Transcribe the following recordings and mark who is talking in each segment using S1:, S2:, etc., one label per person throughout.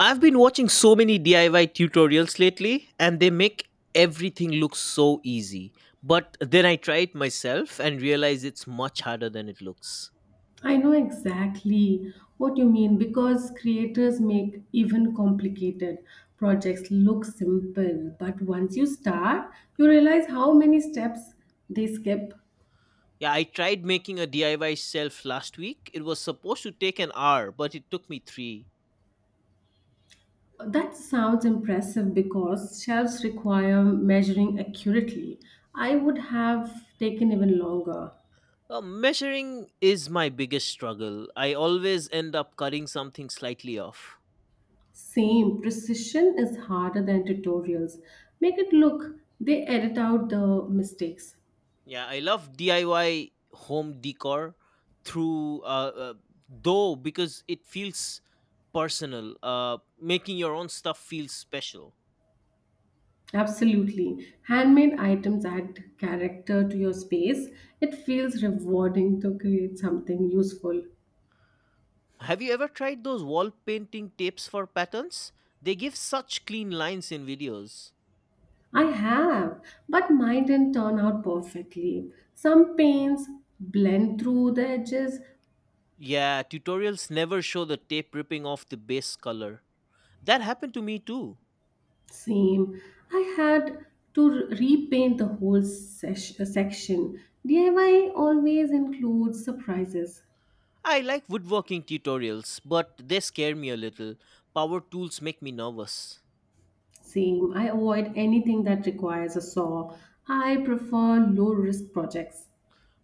S1: I've been watching so many DIY tutorials lately and they make everything look so easy. But then I try it myself and realize it's much harder than it looks.
S2: I know exactly what you mean because creators make even complicated projects look simple. But once you start, you realize how many steps they skip.
S1: Yeah, I tried making a DIY shelf last week. It was supposed to take an hour, but it took me three.
S2: That sounds impressive because shelves require measuring accurately. I would have taken even longer.
S1: Measuring is my biggest struggle. I always end up cutting something slightly off.
S2: Same, precision is harder than tutorials. Make it look, they edit out the mistakes.
S1: Yeah, I love DIY home decor through though because it feels personal. Making your own stuff feels special.
S2: Absolutely. Handmade items add character to your space. It feels rewarding to create something useful.
S1: Have you ever tried those wall painting tapes for patterns? They give such clean lines in videos.
S2: I have, but mine didn't turn out perfectly. Some paints blend through the edges.
S1: Yeah, tutorials never show the tape ripping off the base color. That happened to me too.
S2: Same. I had to repaint the whole section. DIY always includes surprises.
S1: I like woodworking tutorials, but they scare me a little. Power tools make me nervous.
S2: Same. I avoid anything that requires a saw. I prefer low risk projects.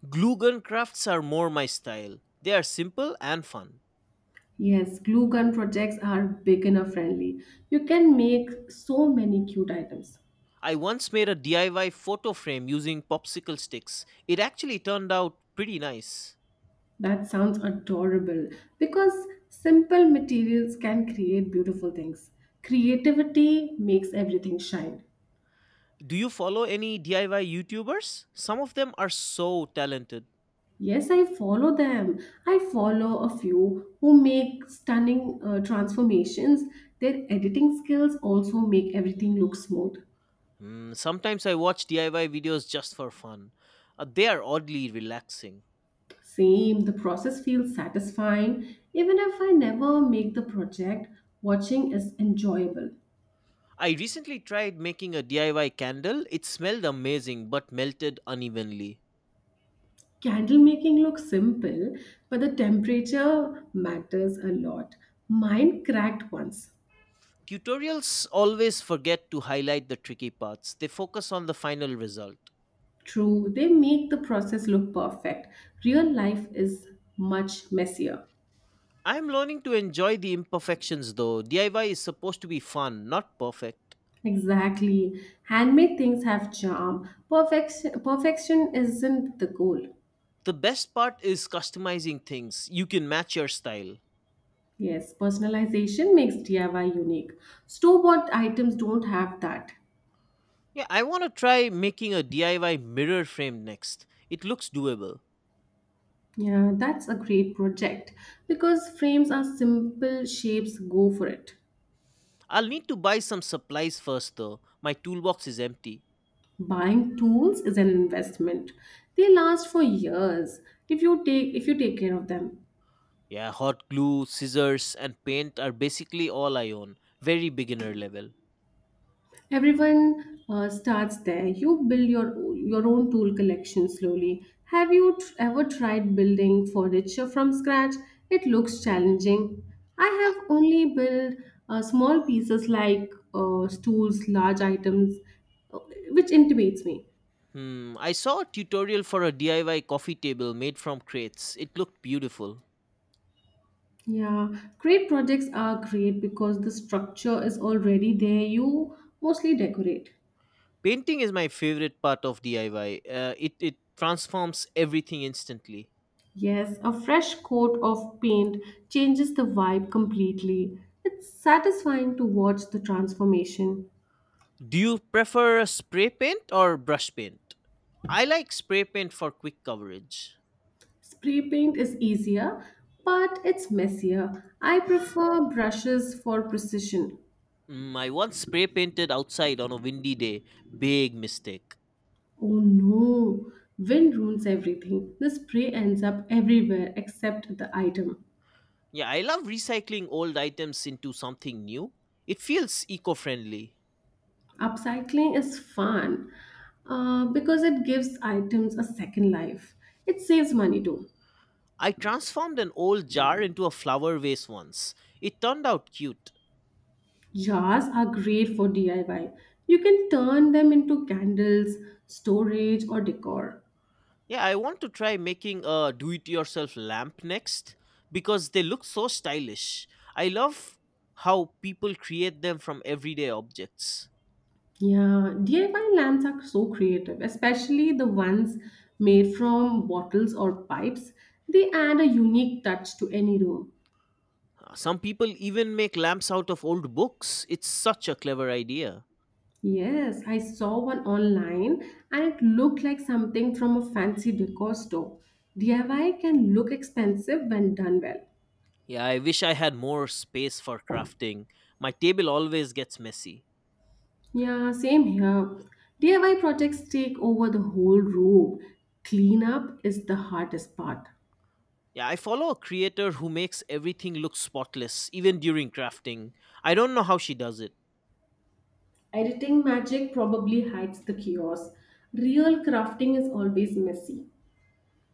S1: Glue gun crafts are more my style. They are simple and fun.
S2: Yes, glue gun projects are beginner friendly. You can make so many cute items.
S1: I once made a DIY photo frame using popsicle sticks. It actually turned out pretty nice.
S2: That sounds adorable because simple materials can create beautiful things. Creativity makes everything shine.
S1: Do you follow any DIY YouTubers? Some of them are so talented.
S2: Yes, I follow them. I follow a few who make stunning transformations. Their editing skills also make everything look smooth.
S1: Sometimes I watch DIY videos just for fun. They are oddly relaxing.
S2: Same, the process feels satisfying. Even if I never make the project, watching is enjoyable.
S1: I recently tried making a DIY candle. It smelled amazing but melted unevenly.
S2: Candle making looks simple, but the temperature matters a lot. Mine cracked once.
S1: Tutorials always forget to highlight the tricky parts; they focus on the final result.
S2: True, they make the process look perfect. Real life is much messier.
S1: I'm learning to enjoy the imperfections though. DIY is supposed to be fun, not perfect.
S2: Exactly. Handmade things have charm. Perfection isn't the goal.
S1: The best part is customizing things; you can match your style.
S2: Yes, personalization makes DIY unique. Store-bought items don't have that.
S1: Yeah, I want to try making a DIY mirror frame next. It looks doable.
S2: Yeah, that's a great project because frames are simple, shapes go for it.
S1: I'll need to buy some supplies first though. My toolbox is empty.
S2: Buying tools is an investment. They last for years if you take care of them.
S1: Yeah, hot glue, scissors, and paint are basically all I own. Very beginner level.
S2: Everyone starts there. You build your own tool collection slowly. Have you ever tried building furniture from scratch? It looks challenging. I have only built small pieces like stools, large items, uh, which intimidates me.
S1: I saw a tutorial for a DIY coffee table made from crates. It looked beautiful.
S2: Yeah, great projects are great because the structure is already there. You mostly decorate.
S1: Painting is my favorite part of DIY. It transforms everything instantly.
S2: Yes, a fresh coat of paint changes the vibe completely. It's satisfying to watch the transformation.
S1: Do you prefer a spray paint or brush paint? I like spray paint for quick coverage.
S2: Spray paint is easier, but it's messier. I prefer brushes for precision.
S1: I once spray painted outside on a windy day. Big mistake.
S2: Oh no, wind ruins everything. The spray ends up everywhere except the item.
S1: Yeah, I love recycling old items into something new. It feels eco-friendly.
S2: Upcycling is fun because it gives items a second life. It saves money too.
S1: I transformed an old jar into a flower vase once. It turned out cute.
S2: Jars are great for DIY. You can turn them into candles, storage, or decor.
S1: Yeah, I want to try making a do it yourself lamp next because they look so stylish. I love how people create them from everyday objects.
S2: Yeah, DIY lamps are so creative, especially the ones made from bottles or pipes. They add a unique touch to any room.
S1: Some people even make lamps out of old books. It's such a clever idea.
S2: Yes, I saw one online and it looked like something from a fancy decor store. DIY can look expensive when done well.
S1: Yeah, I wish I had more space for crafting. My table always gets messy.
S2: Yeah, same here. DIY projects take over the whole room. Cleanup is the hardest part.
S1: Yeah, I follow a creator who makes everything look spotless, even during crafting. I don't know how she does it.
S2: Editing magic probably hides the chaos. Real crafting is always messy.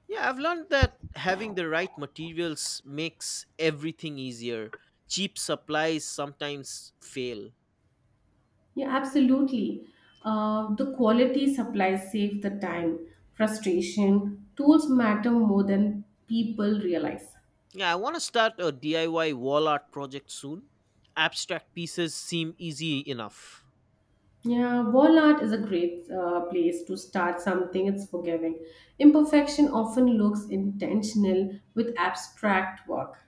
S1: Yeah, I've learned that having the right materials makes everything easier. Cheap supplies sometimes fail.
S2: Yeah, absolutely. The quality supplies save the time, frustration. Tools matter more than people realize.
S1: Yeah, I want to start a DIY wall art project soon. Abstract pieces seem easy enough.
S2: Yeah, wall art is a great place to start something. It's forgiving. Imperfection often looks intentional with abstract work.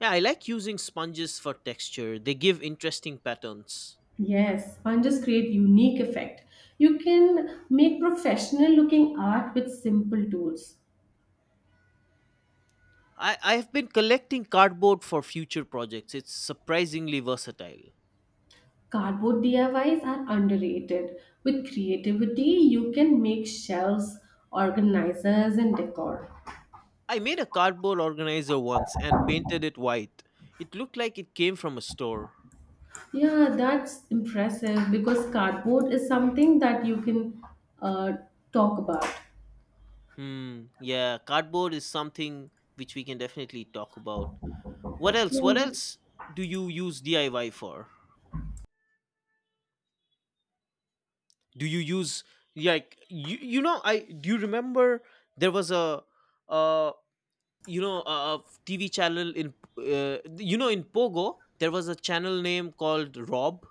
S1: Yeah, I like using sponges for texture; they give interesting patterns.
S2: Yes, sponges create unique effect. You can make professional looking art with simple tools.
S1: I've been collecting cardboard for future projects; it's surprisingly versatile.
S2: Cardboard DIYs are underrated. With creativity, you can make shelves, organizers, and decor.
S1: I made a cardboard organizer once and painted it white. It looked like it came from a store.
S2: Yeah, that's impressive because cardboard is something that you can uh, talk about.
S1: Hmm, yeah, cardboard is something which we can definitely talk about. What
S2: Yeah.
S1: else do you use DIY for? Do you use do you remember there was uh a TV channel in you know in Pogo? There was a channel name called Rob,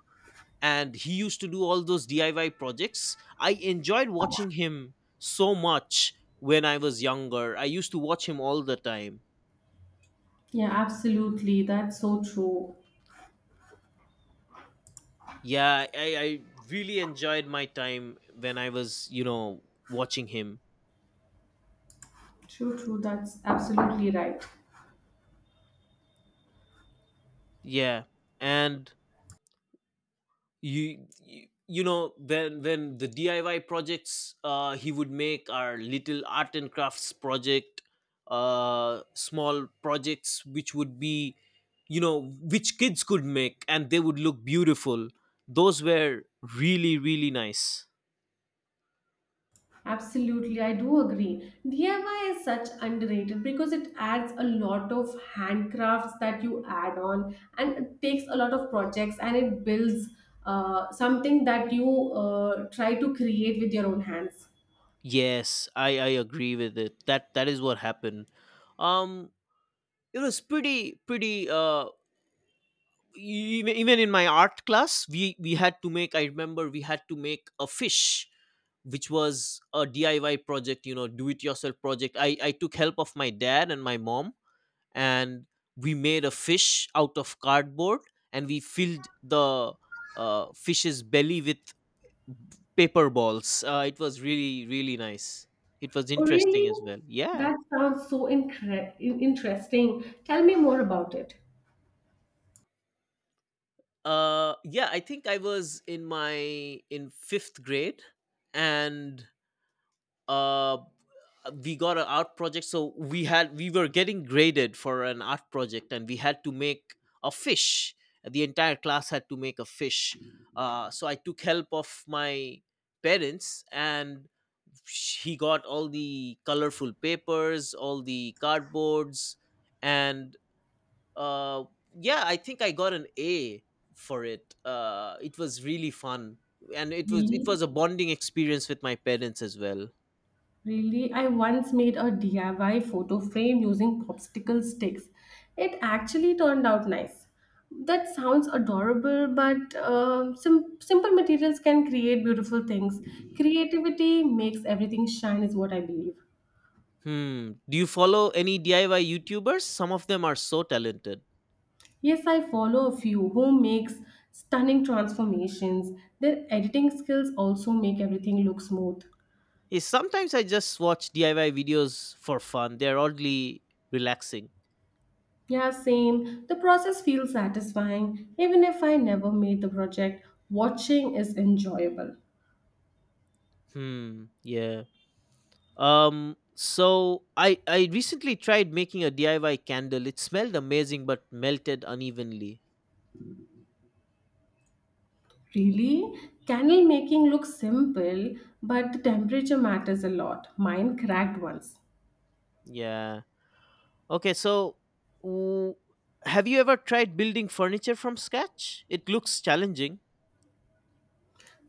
S1: and he used to do all those DIY projects. I enjoyed watching him so much when I was younger. I used to watch him all the time.
S2: Yeah, absolutely. That's so true.
S1: Yeah, I really enjoyed my time when I was watching him.
S2: True, true. That's absolutely right.
S1: Yeah. And when the diy projects he would make are little art and crafts project, small projects which would be, you know, which kids could make and they would look beautiful. Those were really really nice.
S2: Absolutely. I do agree. DIY is such underrated because it adds a lot of handcrafts that you add on and it takes a lot of projects and it builds something that you try to create with your own hands.
S1: Yes, I agree with it, that is what happened. um it was pretty pretty, even in my art class we had to make, I remember we had to make a fish which was a DIY project, you know, do it yourself project. I took help of my dad and my mom, and we made a fish out of cardboard, and we filled the fish's belly with paper balls. It was really really nice. It was
S2: Oh,
S1: interesting
S2: really?
S1: as well, yeah.
S2: That sounds so interesting. Tell me more about it.
S1: Yeah, I think I was in fifth grade, and uh we got an art project, so we were getting graded for an art project and we had to make a fish. The entire class had to make a fish. So I took help of my parents, and he got all the colorful papers, all the cardboards. And uh, yeah, I think I got an A for it. It was really fun, and it was it
S2: Really?
S1: was a bonding experience with my parents as well.
S2: Really, I once made a DIY photo frame using popsicle sticks. It actually turned out nice. That sounds adorable, but simple materials can create beautiful things. Creativity makes everything shine, is what I believe.
S1: Hmm. Do you follow any DIY YouTubers? Some of them are so talented.
S2: Yes, I follow a few who makes stunning transformations. Their editing skills also make everything look smooth.
S1: Yeah, sometimes I just watch DIY videos for fun. They're oddly relaxing.
S2: Yeah, same. The process feels satisfying. Even if I never made the project, watching is enjoyable.
S1: Hmm. Yeah. So I recently tried making a DIY candle. It smelled amazing but melted unevenly.
S2: Really? Candle making looks simple, but the temperature matters a lot. Mine cracked once.
S1: Yeah. Okay. So, w- have you ever tried building furniture from scratch? It looks challenging.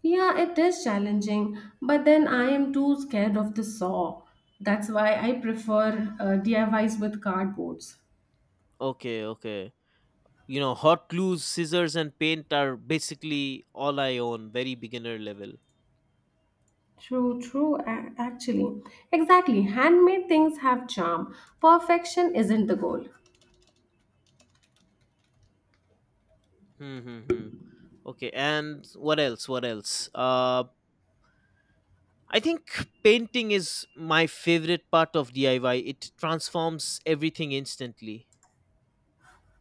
S2: Yeah, it is challenging, but then I am too scared of the saw. That's why I prefer DIYs with cardboards.
S1: Okay. Okay. You know, hot glues, scissors, and paint are basically all I own. Very beginner level.
S2: True, true, actually. Exactly. Handmade things have charm. Perfection isn't the goal.
S1: Hmm, hmm, hmm. Okay, and what else? I think painting is my favorite part of diy. It transforms everything instantly.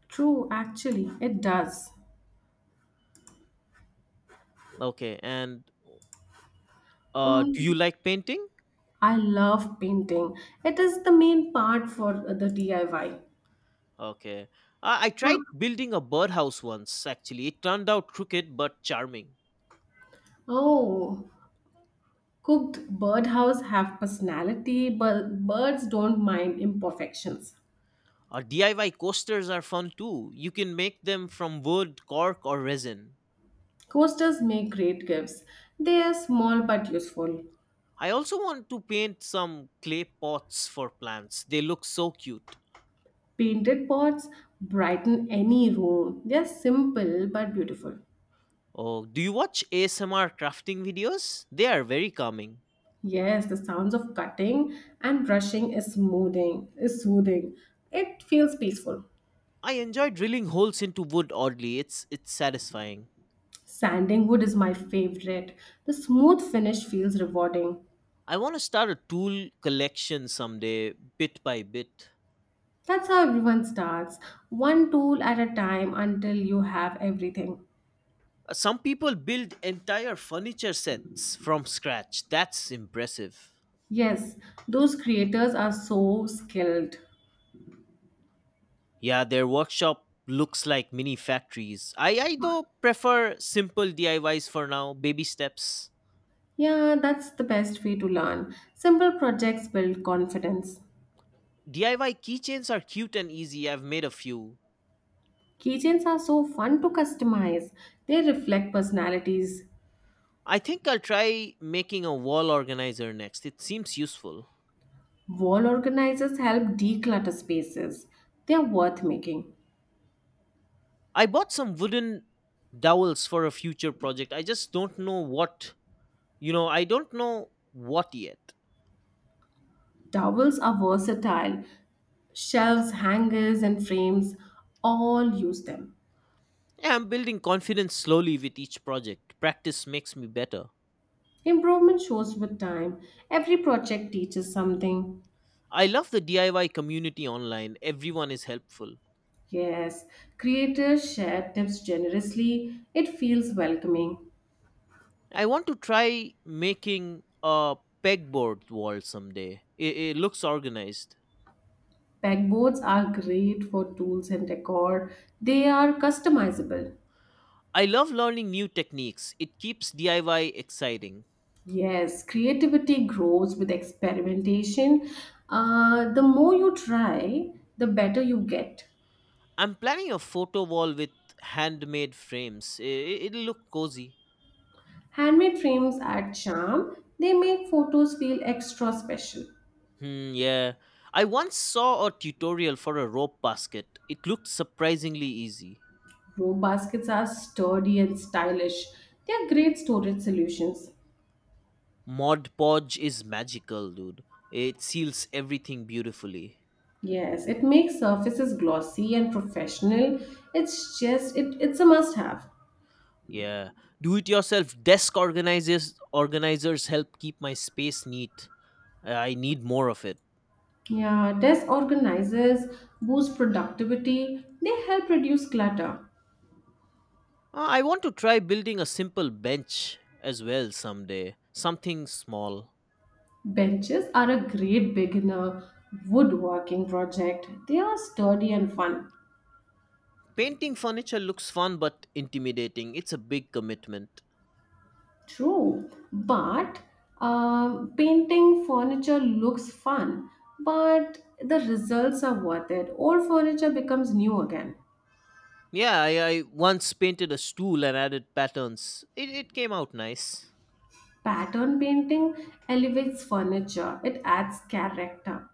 S2: True, actually, it does.
S1: Okay. And do you
S2: Um,
S1: like painting?
S2: I love painting. It is the main part for the DIY.
S1: Okay. I
S2: Now-
S1: tried building a birdhouse once. Actually, it turned out crooked but charming.
S2: Oh, cooked birdhouse have personality, but birds don't mind imperfections.
S1: DIY coasters are fun too. You can make them from wood, cork, or resin.
S2: Coasters make great gifts. They are small but useful.
S1: I also want to paint some clay pots for plants. They look so cute.
S2: Painted pots brighten any room. They are simple but beautiful.
S1: Oh, do you watch ASMR crafting videos? They are very calming.
S2: Yes, the sounds of cutting and brushing is smoothing, is soothing. It feels peaceful.
S1: I enjoy drilling holes into wood oddly. It's satisfying.
S2: Sanding wood is my favorite. The smooth finish feels rewarding.
S1: I want to start a tool collection someday, bit by bit.
S2: That's how everyone starts, one tool at a time until you have everything.
S1: Some people build entire furniture sets from scratch. That's impressive.
S2: Yes, those creators are so skilled.
S1: Yeah, their workshop looks like mini factories. I though prefer simple DIYs for now, baby steps.
S2: Yeah, that's the best way to learn. Simple projects build confidence.
S1: DIY keychains are cute and easy. I've made a few.
S2: Keychains are so fun to customize. They reflect personalities.
S1: I think I'll try making a wall organizer next. It seems useful.
S2: Wall organizers help declutter spaces. They are worth making.
S1: I bought some wooden dowels for a future project. I just don't know what I don't know what yet.
S2: Towels are versatile. Shelves, hangers, and frames all use them.
S1: Yeah, I'm building confidence slowly with each project. Practice makes me better.
S2: Improvement shows with time. Every project teaches something.
S1: I love the DIY community online. Everyone is helpful.
S2: Yes, creators share tips generously. It feels welcoming.
S1: I want to try making a pegboard wall someday. It looks organized.
S2: Pegboards are great for tools and decor. They are customizable.
S1: I love learning new techniques. It keeps DIY exciting.
S2: Yes, creativity grows with experimentation. The more you try, the better you get.
S1: I'm planning a photo wall with handmade frames. It'll look cozy.
S2: Handmade frames add charm, they make photos feel extra special.
S1: Hmm, yeah. I once saw a tutorial for a rope basket. It looked surprisingly easy.
S2: Row baskets are sturdy and stylish. They are great storage solutions.
S1: Mod Podge is magical, dude. It seals everything beautifully.
S2: Yes, it makes surfaces glossy and professional. It's just it's a must have.
S1: Yeah. Do it yourself desk organizers help keep my space neat. I need more of it.
S2: Yeah, desk organizers boost productivity. They help reduce clutter.
S1: I want to try building a simple bench as well someday. Something small.
S2: Benches are a great beginner woodworking project. They are sturdy and fun.
S1: Painting furniture looks fun but intimidating. It's a big commitment.
S2: True, but painting furniture looks fun, but the results are worth it. Old furniture becomes new again.
S1: Yeah, I once painted a stool and added patterns. It came out nice.
S2: Pattern painting elevates furniture, it adds character.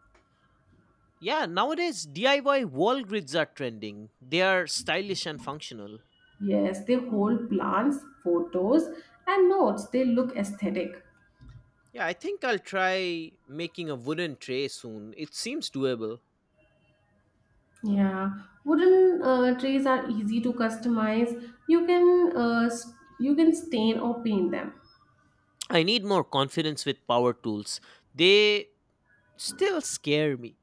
S1: Yeah, nowadays DIY wall grids are trending. They are stylish and functional.
S2: Yes, they hold plans, photos, and notes. They look aesthetic.
S1: Yeah, I think I'll try making a wooden tray soon. It seems doable.
S2: Yeah, wooden trays are easy to customize. You can you can stain or paint them.
S1: I need more confidence with power tools. They still scare me.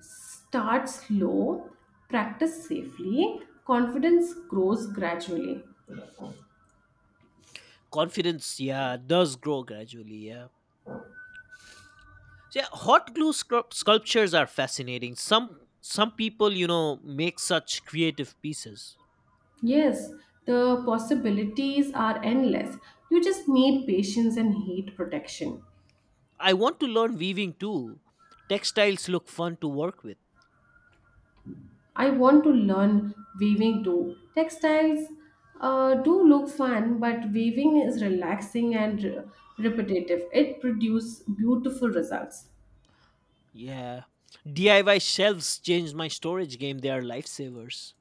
S2: Start slow, practice safely, confidence grows gradually.
S1: Confidence, yeah, does grow gradually, yeah. So yeah, hot glue sculptures are fascinating. Some people, you know, make such creative pieces.
S2: Yes, the possibilities are endless. You just need patience and heat protection.
S1: I want to learn weaving too. Textiles look fun to work with.
S2: I want to learn weaving too. Textiles do look fun, but weaving is relaxing and repetitive. It produces beautiful results.
S1: Yeah. DIY shelves changed my storage game. They are lifesavers.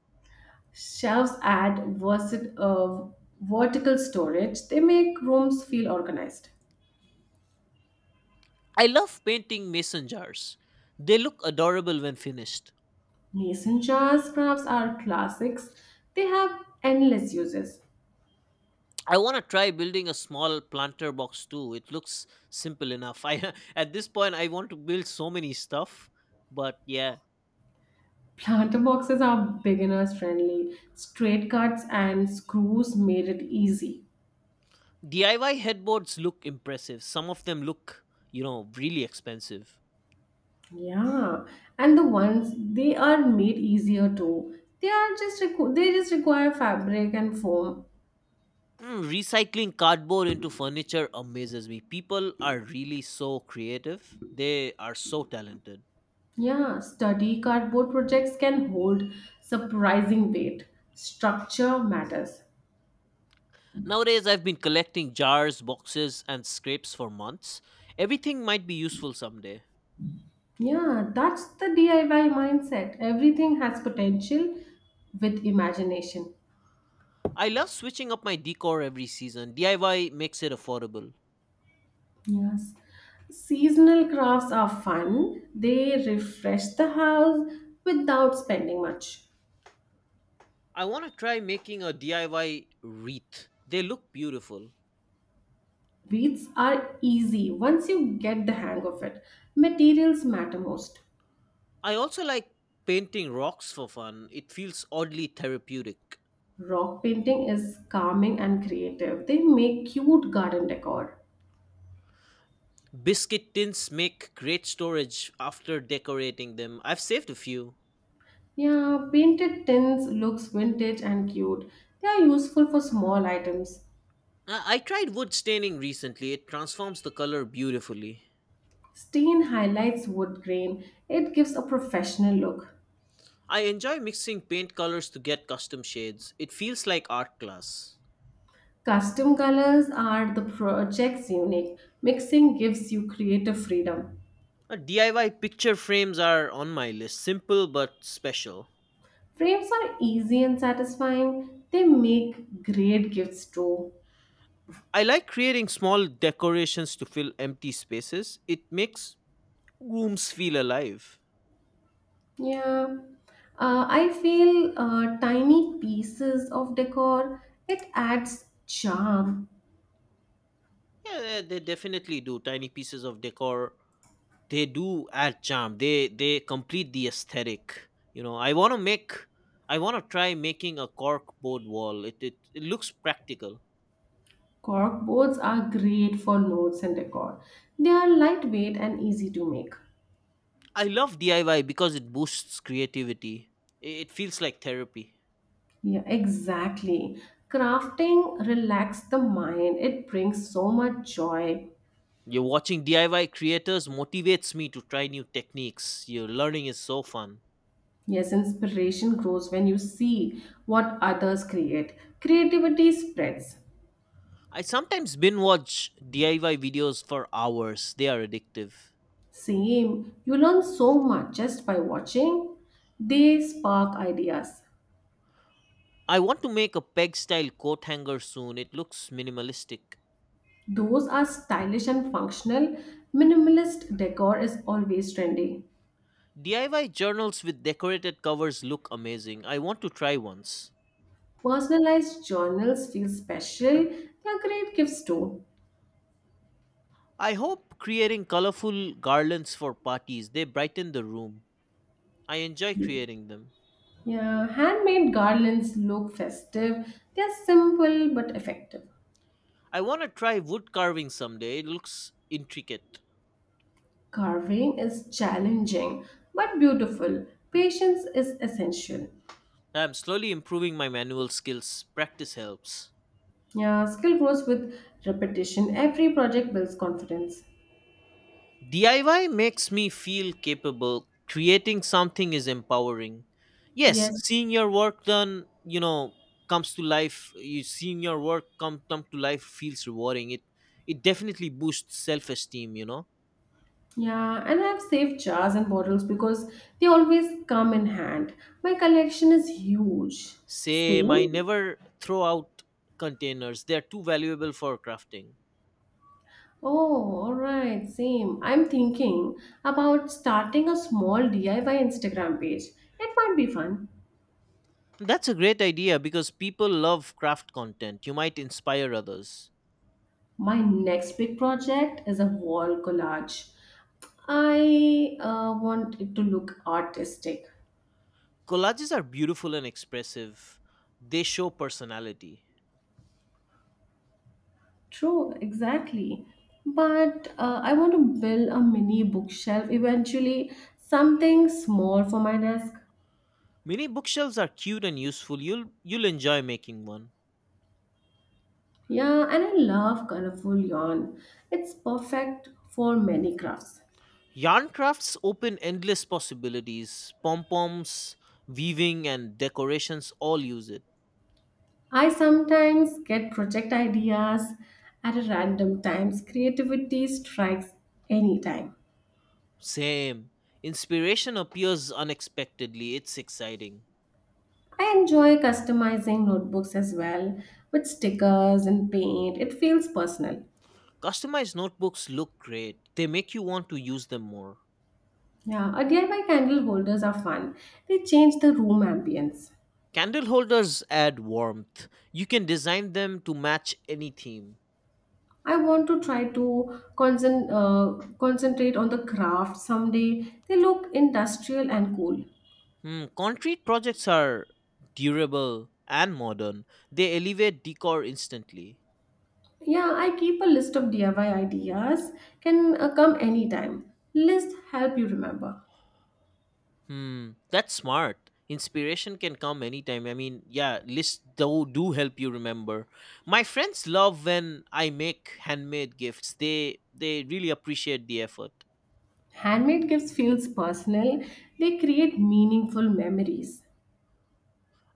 S2: Shelves add vertical storage, they make rooms feel organized.
S1: I love painting mason jars. They look adorable when finished.
S2: Mason jars crafts are classics. They have endless uses.
S1: I want to try building a small planter box too. It looks simple enough. I at this point I want to build so many stuff, but yeah,
S2: Planter boxes are beginners friendly. Straight cuts and screws made it easy.
S1: DIY headboards look impressive. Some of them look, you know, really expensive.
S2: Yeah, and the ones they are made easier too. They are just they just require fabric and foam.
S1: Recycling cardboard into furniture amazes me. People are really so creative. They are so talented.
S2: Yeah, sturdy cardboard projects can hold surprising weight. Structure matters.
S1: Nowadays, I've been collecting jars, boxes, and scrapes for months. Everything might be useful someday.
S2: Yeah, that's the DIY mindset. Everything has potential with imagination.
S1: I love switching up my decor every season. DIY makes it affordable.
S2: Yes. Seasonal crafts are fun. They refresh the house without spending much.
S1: I want to try making a DIY wreath. They look beautiful.
S2: Wreaths are easy once you get the hang of it. Materials matter most.
S1: I also like painting rocks for fun. It feels oddly therapeutic.
S2: Rock painting is calming and creative. They make cute garden decor.
S1: Biscuit tins make great storage after decorating them. I've saved a few.
S2: Yeah, painted tins looks vintage and cute. They are useful for small items.
S1: I tried wood staining recently. It transforms the color beautifully.
S2: Stain highlights wood grain, it gives a professional look.
S1: I enjoy mixing paint colors to get custom shades. It feels like art class.
S2: Custom colors are the project's unique. Mixing gives you creative freedom.
S1: DIY picture frames are on my list, simple but special.
S2: Frames are easy and satisfying. They make great gifts too.
S1: I like creating small decorations to fill empty spaces. It makes rooms feel alive.
S2: Yeah. I feel tiny pieces of decor. It adds charm.
S1: Yeah, they definitely do. Tiny pieces of decor, they do add charm. They complete the aesthetic. You know, I want to try making a cork board wall. It looks practical.
S2: Cork boards are great for notes and decor. They are lightweight and easy to make.
S1: I love DIY because it boosts creativity. It feels like therapy.
S2: Yeah, exactly. Crafting relaxes the mind. It brings so much joy.
S1: You're watching DIY creators motivates me to try new techniques. Your learning is so fun.
S2: Yes, inspiration grows when you see what others create. Creativity spreads.
S1: I sometimes binge watch DIY videos for hours. They are addictive.
S2: Same, you learn so much just by watching. They spark ideas.
S1: I want to make a peg style coat hanger soon. It looks minimalistic.
S2: Those are stylish and functional. Minimalist decor is always trendy.
S1: DIY journals with decorated covers look amazing. I want to try once.
S2: Personalized journals feel special. They are great gifts too.
S1: I hope creating colorful garlands for parties. They brighten the room. I enjoy creating them.
S2: Yeah, handmade garlands look festive. They are simple but effective.
S1: I want to try wood carving someday. It looks intricate.
S2: Carving is challenging but beautiful. Patience is essential.
S1: I'm slowly improving my manual skills. Practice helps.
S2: Yeah, skill grows with repetition. Every project builds confidence.
S1: DIY makes me feel capable. Creating something is empowering. Yes,
S2: Yes.
S1: seeing your work done, you know, comes to life. You seeing your work come to life feels rewarding. It definitely boosts self-esteem.
S2: Yeah, and I have saved jars and bottles because they always come in hand. My collection is huge.
S1: Same, I
S2: Same?
S1: never throw out containers. They're too valuable for crafting.
S2: Oh, all right, same. I'm thinking about starting a small DIY Instagram page. It might be fun.
S1: That's a great idea because people love craft content. You might inspire others.
S2: My next big project is a wall collage. I want it to look artistic.
S1: Collages are beautiful and expressive. They show personality.
S2: True, exactly. But I want to build a mini bookshelf eventually, something small for my desk.
S1: Mini bookshelves are cute and useful. You'll enjoy making one.
S2: Yeah, and I love colorful yarn. It's perfect for many crafts.
S1: Yarn crafts open endless possibilities. Pom-poms, weaving, and decorations all use it.
S2: I sometimes get project ideas at a random times. Creativity strikes anytime.
S1: Same. Inspiration appears unexpectedly. It's exciting.
S2: I enjoy customizing notebooks as well with stickers and paint. It feels personal.
S1: Customized notebooks look great. They make you want to use them more.
S2: Yeah, our DIY candle holders are fun. They change the room ambience.
S1: Candle holders add warmth. You can design them to match any theme.
S2: I want to try to concentrate on the craft someday. They look industrial and cool.
S1: Concrete projects are durable and modern. They elevate decor instantly.
S2: Yeah, I keep a list of DIY ideas. Can come anytime. Lists help you remember.
S1: That's smart. Inspiration can come anytime. I mean, yeah, lists do help you remember. My friends love when I make handmade gifts. They really appreciate the effort.
S2: Handmade gifts feels personal. They create meaningful memories.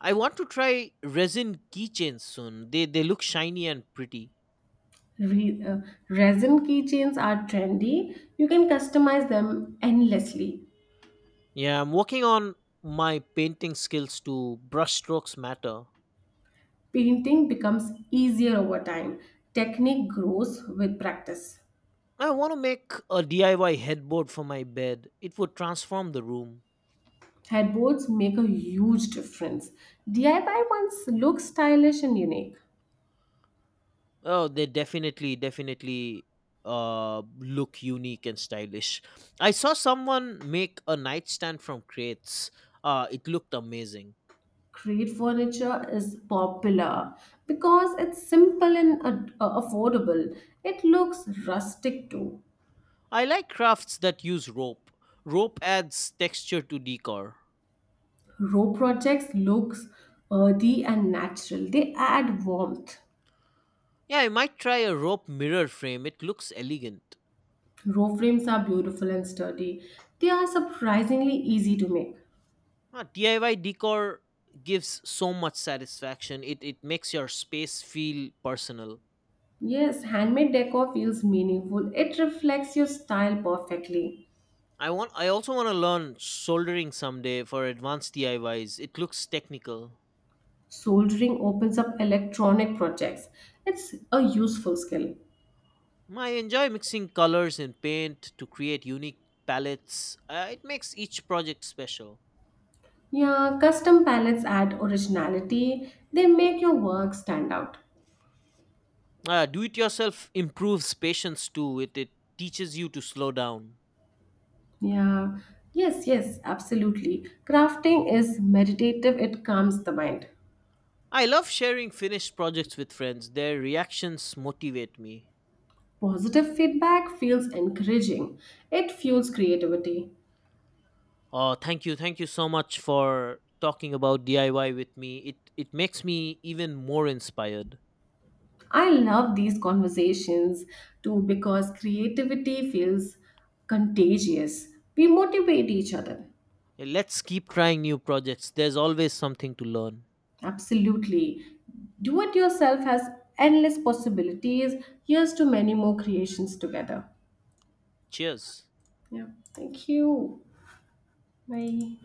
S1: I want to try resin keychains soon. They look shiny and pretty.
S2: Re- uh, Resin keychains are trendy. You can customize them endlessly.
S1: Yeah, I'm working on my painting skills to brushstrokes matter.
S2: Painting becomes easier over time. Technique grows with practice.
S1: I want to make a DIY headboard for my bed. It would transform the room.
S2: Headboards make a huge difference. DIY ones look stylish and unique.
S1: Oh, they definitely look unique and stylish. I saw someone make a nightstand from crates. It looked amazing.
S2: Crate furniture is popular because it's simple and affordable. It looks rustic too.
S1: I like crafts that use rope. Rope adds texture to decor.
S2: Row projects looks earthy and natural. They add warmth.
S1: Yeah, I might try a rope mirror frame. It looks elegant.
S2: Row frames are beautiful and sturdy. They are surprisingly easy to make.
S1: DIY decor gives so much satisfaction. It makes your space feel personal.
S2: Yes, handmade decor feels meaningful. It reflects your style perfectly.
S1: I also want to learn soldering someday for advanced DIYs. It looks technical.
S2: Soldering opens up electronic projects. It's a useful skill.
S1: I enjoy mixing colors and paint to create unique palettes. It makes each project special.
S2: Yeah, custom palettes add originality. They make your work stand out.
S1: Do it yourself improves patience too. It teaches you to slow down.
S2: Yeah, yes, yes, absolutely. Crafting is meditative, it calms the mind.
S1: I love sharing finished projects with friends. Their reactions motivate me.
S2: Positive feedback feels encouraging, it fuels creativity.
S1: Thank you, thank you so much for talking about DIY with me. It makes me even more inspired.
S2: I love these conversations too because creativity feels contagious. We motivate each other.
S1: Let's keep trying new projects. There's always something to learn.
S2: Absolutely. Do it yourself has endless possibilities. Here's to many more creations together.
S1: Cheers.
S2: Yeah. Thank you. Bye.